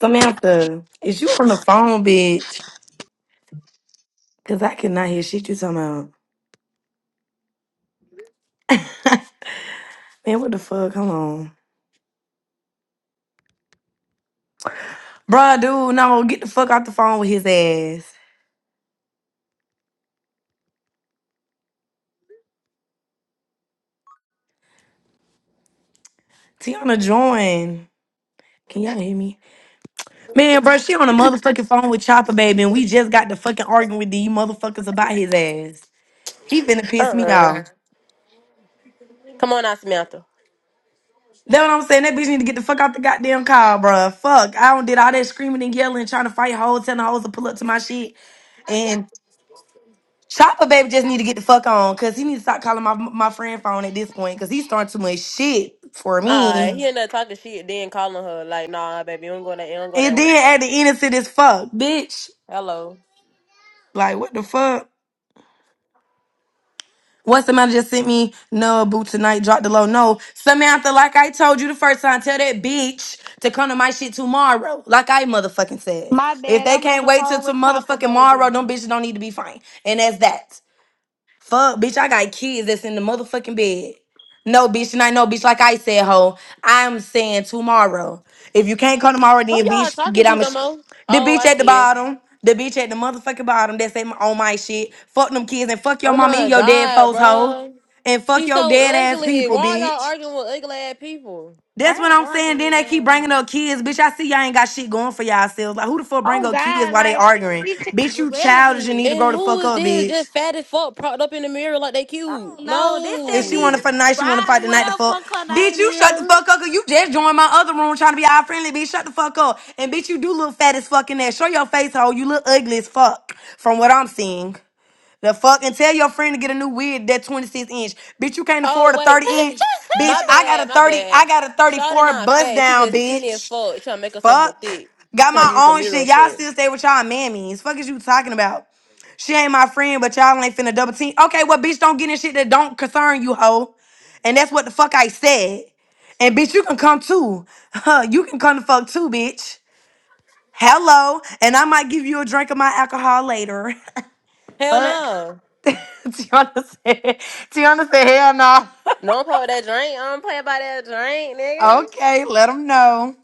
Samantha, is you on the phone, bitch? Cause I cannot hear shit you talking about. Man, what the fuck? Come on. Bruh, dude, no, get the fuck out the phone with his ass. Tiana join. Can y'all hear me? Man, bruh, she on the motherfucking phone with Chopper Baby, and we just got to fucking arguing with these motherfuckers about his ass. He finna piss me Uh-uh. off. Come on now, Samantha. That what I'm saying. That bitch need to get the fuck out the goddamn car, bruh. Fuck. I don't did all that screaming and yelling, trying to fight hoes, telling hoes to pull up to my shit. Chopper baby just need to get the fuck on because he need to stop calling my my friend phone at this point because he's starting too much shit for me. Alright, he Mhm. ended up talking shit, then calling her like, nah, baby, you don't go that you don't go that And way. then at the innocent as fuck, bitch. Hello. Like what the fuck? What somebody just sent me, no, boo tonight, drop the low. No. Samantha, like I told you the first time, tell that bitch to come to my shit tomorrow. Like I motherfucking said. My If bad. they I'm on can't the wait till phone to with Chopper, motherfucking tomorrow, baby. them bitches don't need to be fine. And that's that. Fuck, bitch, I got kids that's in the motherfucking bed. No, bitch, and I know, bitch, like I said, ho, I'm saying tomorrow. If you can't come tomorrow, Who then, y'all bitch, talking get out to my some sh- The Oh, bitch I at the see it. bottom, the bitch at the motherfucking bottom that's at my, on my shit. Fuck them kids and fuck your Oh mama and my your dead god, folks, ho. bro. And fuck She's your so dead ass ugly. people, Why y'all bitch. arguing with ugly ass people? That's I what ain't I'm arguing saying. Then with they keep bringing him. up kids. Bitch, I see y'all ain't got shit going for y'all selves. Like, who the fuck bring Oh up kids God, while they like arguing? he too Bitch, you childish and relevant. need to And grow the who fuck is up, this bitch. just fat as fuck propped up in the mirror like they I don't cute? know. This that If she want to No. fight bitch tonight, she want to fight Riley. What tonight. The up, fuck, fuck her bitch, name you shut the is? fuck up. Cause you just joined my other room trying to be all friendly, bitch. Shut the fuck up, and bitch, you do look fat as fuck in there. Show your face, hoe. You look ugly as fuck from what I'm seeing. The fuck, and tell your friend to get a new wig that 26 inch, bitch. You can't Oh afford a wait. 30 inch, bitch. my I got a bad, my 30, I bad. got a Shawty 34 not bust fat. She down, just skinny as bitch. fuck. She trying to make herself look Fuck, thick. She got trying my to use a own mirror shit. Y'all effect. still stay with y'all mammies. Fuck is you talking about? She ain't my friend, but y'all ain't finna double team. Okay, well, bitch, don't get in shit that don't concern you, hoe. And that's what the fuck I said. And bitch, you can come too. Huh, you can come the fuck too, bitch. Hello. And I might give you a drink of my alcohol later. Hell fuck. no. Tiana said, Tiana said, hell no. No pour that drink. I'm playing by that drink, nigga. Okay, let them know.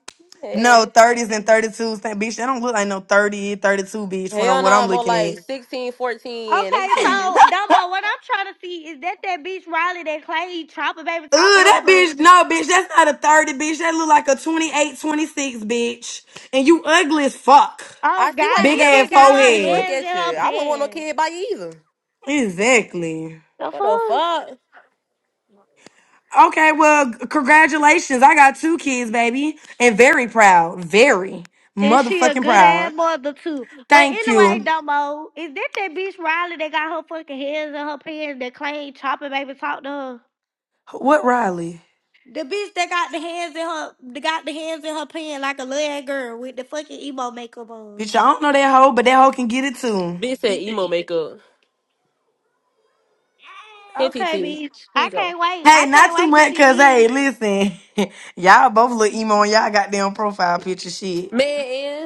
No, Hell, 30s and 32s. That bitch, that don't look like no 30, 32 bitch from hell what no, I'm I'm more looking like at. Ugh, 16, 14, and okay, 18. so Domo, what I'm trying to see is that that bitch Riley that Clay Chopper baby talked to her, that but bitch, no, bitch, that's not a 30, bitch. That look like a 28, 26, bitch. And you ugly as fuck. I oh see why you God, Big ain't this got no ass bitch kids, got her bitch. forehead. Look hands in at her you. I wouldn't want no pants. kid by you either. Exactly. The What the fuck? fuck? Okay, well, c- congratulations. I got two kids, baby, and very proud. Very And she a motherfucking good ass proud. mother too. But Thank anyway, you. Domo, is that that bitch Riley that got her fucking hands in her pants that claimed Chopper baby talked to her? What Riley? The bitch that got the hands in her, that got the hands in her pants like a little ass girl with the fucking emo makeup on. Bitch, I don't know that hoe, but that hoe can get it too. Bitch said emo makeup. Here, T Okay, T. bitch. Here you I go. can't wait. Hey, I can't not too wait to much, see cause hey, this. listen, y'all both look emo on y'all goddamn profile picture shit. Man,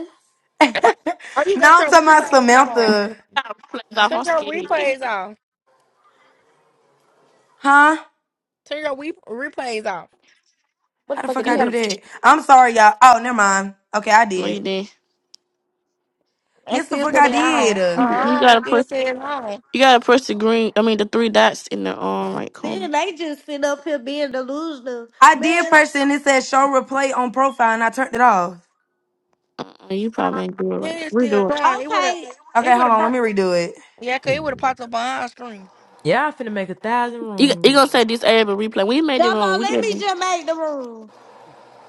and no, Or you got I'm your talking about replays on. Samantha. got replays off. Turn I'm your scared. replays off. Huh? Turn your we- replays off. what How the the fuck is fuck You I that? do gotta. that? I'm sorry, y'all. Oh, never mind. Okay, I No, you did. did. And Yes, the still fuck said I they on. Uh did. You, you uh gotta Still push. said it's on. You gotta push the green. I mean, the three dots in the um right corner. Then they just sit up here being delusional, I did man. press it and it said show replay on profile and I turned it off. Uh, you Uh probably ain't do it right. It's We're still doing. on. It would have. Okay, Okay, It would hold have. on. Let popped me redo it. Yeah, cause it would have popped Yeah, up on our screen. I finna make a thousand You you rooms. gonna say this area replay? We made the room. Domo, We let did. me it. just make the room.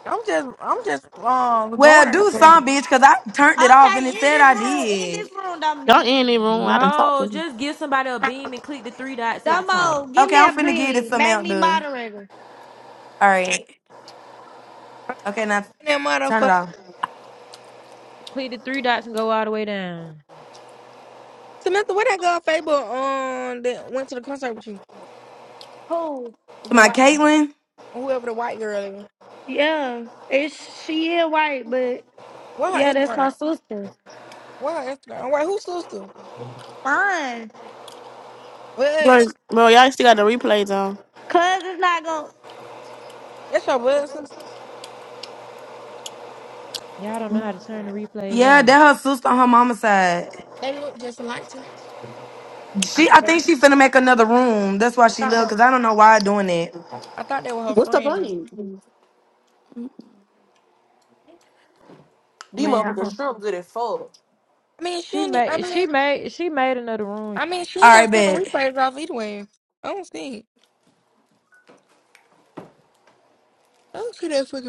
I'm just. I'm just. Um, uh, going Well, her. do some, That bitch, because I turned it off Okay, and it in said this I room, in this did. room, Don't Dominique. end the room. I done talked to No, you. just give somebody a beam and click the three dots at the Dumbo, top. give Okay, me I'm a finna get it bean. some Make out me there. moderator. All right. Okay, now turn it motherfucker. off. Click the three dots and go all the way down. Samantha, where that girl Fable um that went to the concert with you? Who? To The my white one. Caitlin. Whoever the white girl is. Yeah. It's she is white, but What yeah, her that's Instagram? my sister. What her Instagram? Wait, who's sister? Fine. What? Bro, bro, y'all still got the replays on. Cuz it's not gonna That's your blood sister. Y'all don't know how to turn the replays Yeah, off. that her sister on her mama's side. They look just alike too. I She, thought I that was, think she finna make another room. That's I why she thought that left, was, because I don't know why I doing that. I thought they were her friends. These Man, I motherfuckers don't- shrimp good as fuck. I mean, she. She Ain't, I made she mean, made she made another room, I mean, she all ain't right, got to bet. replays off either way. I don't see. I don't see that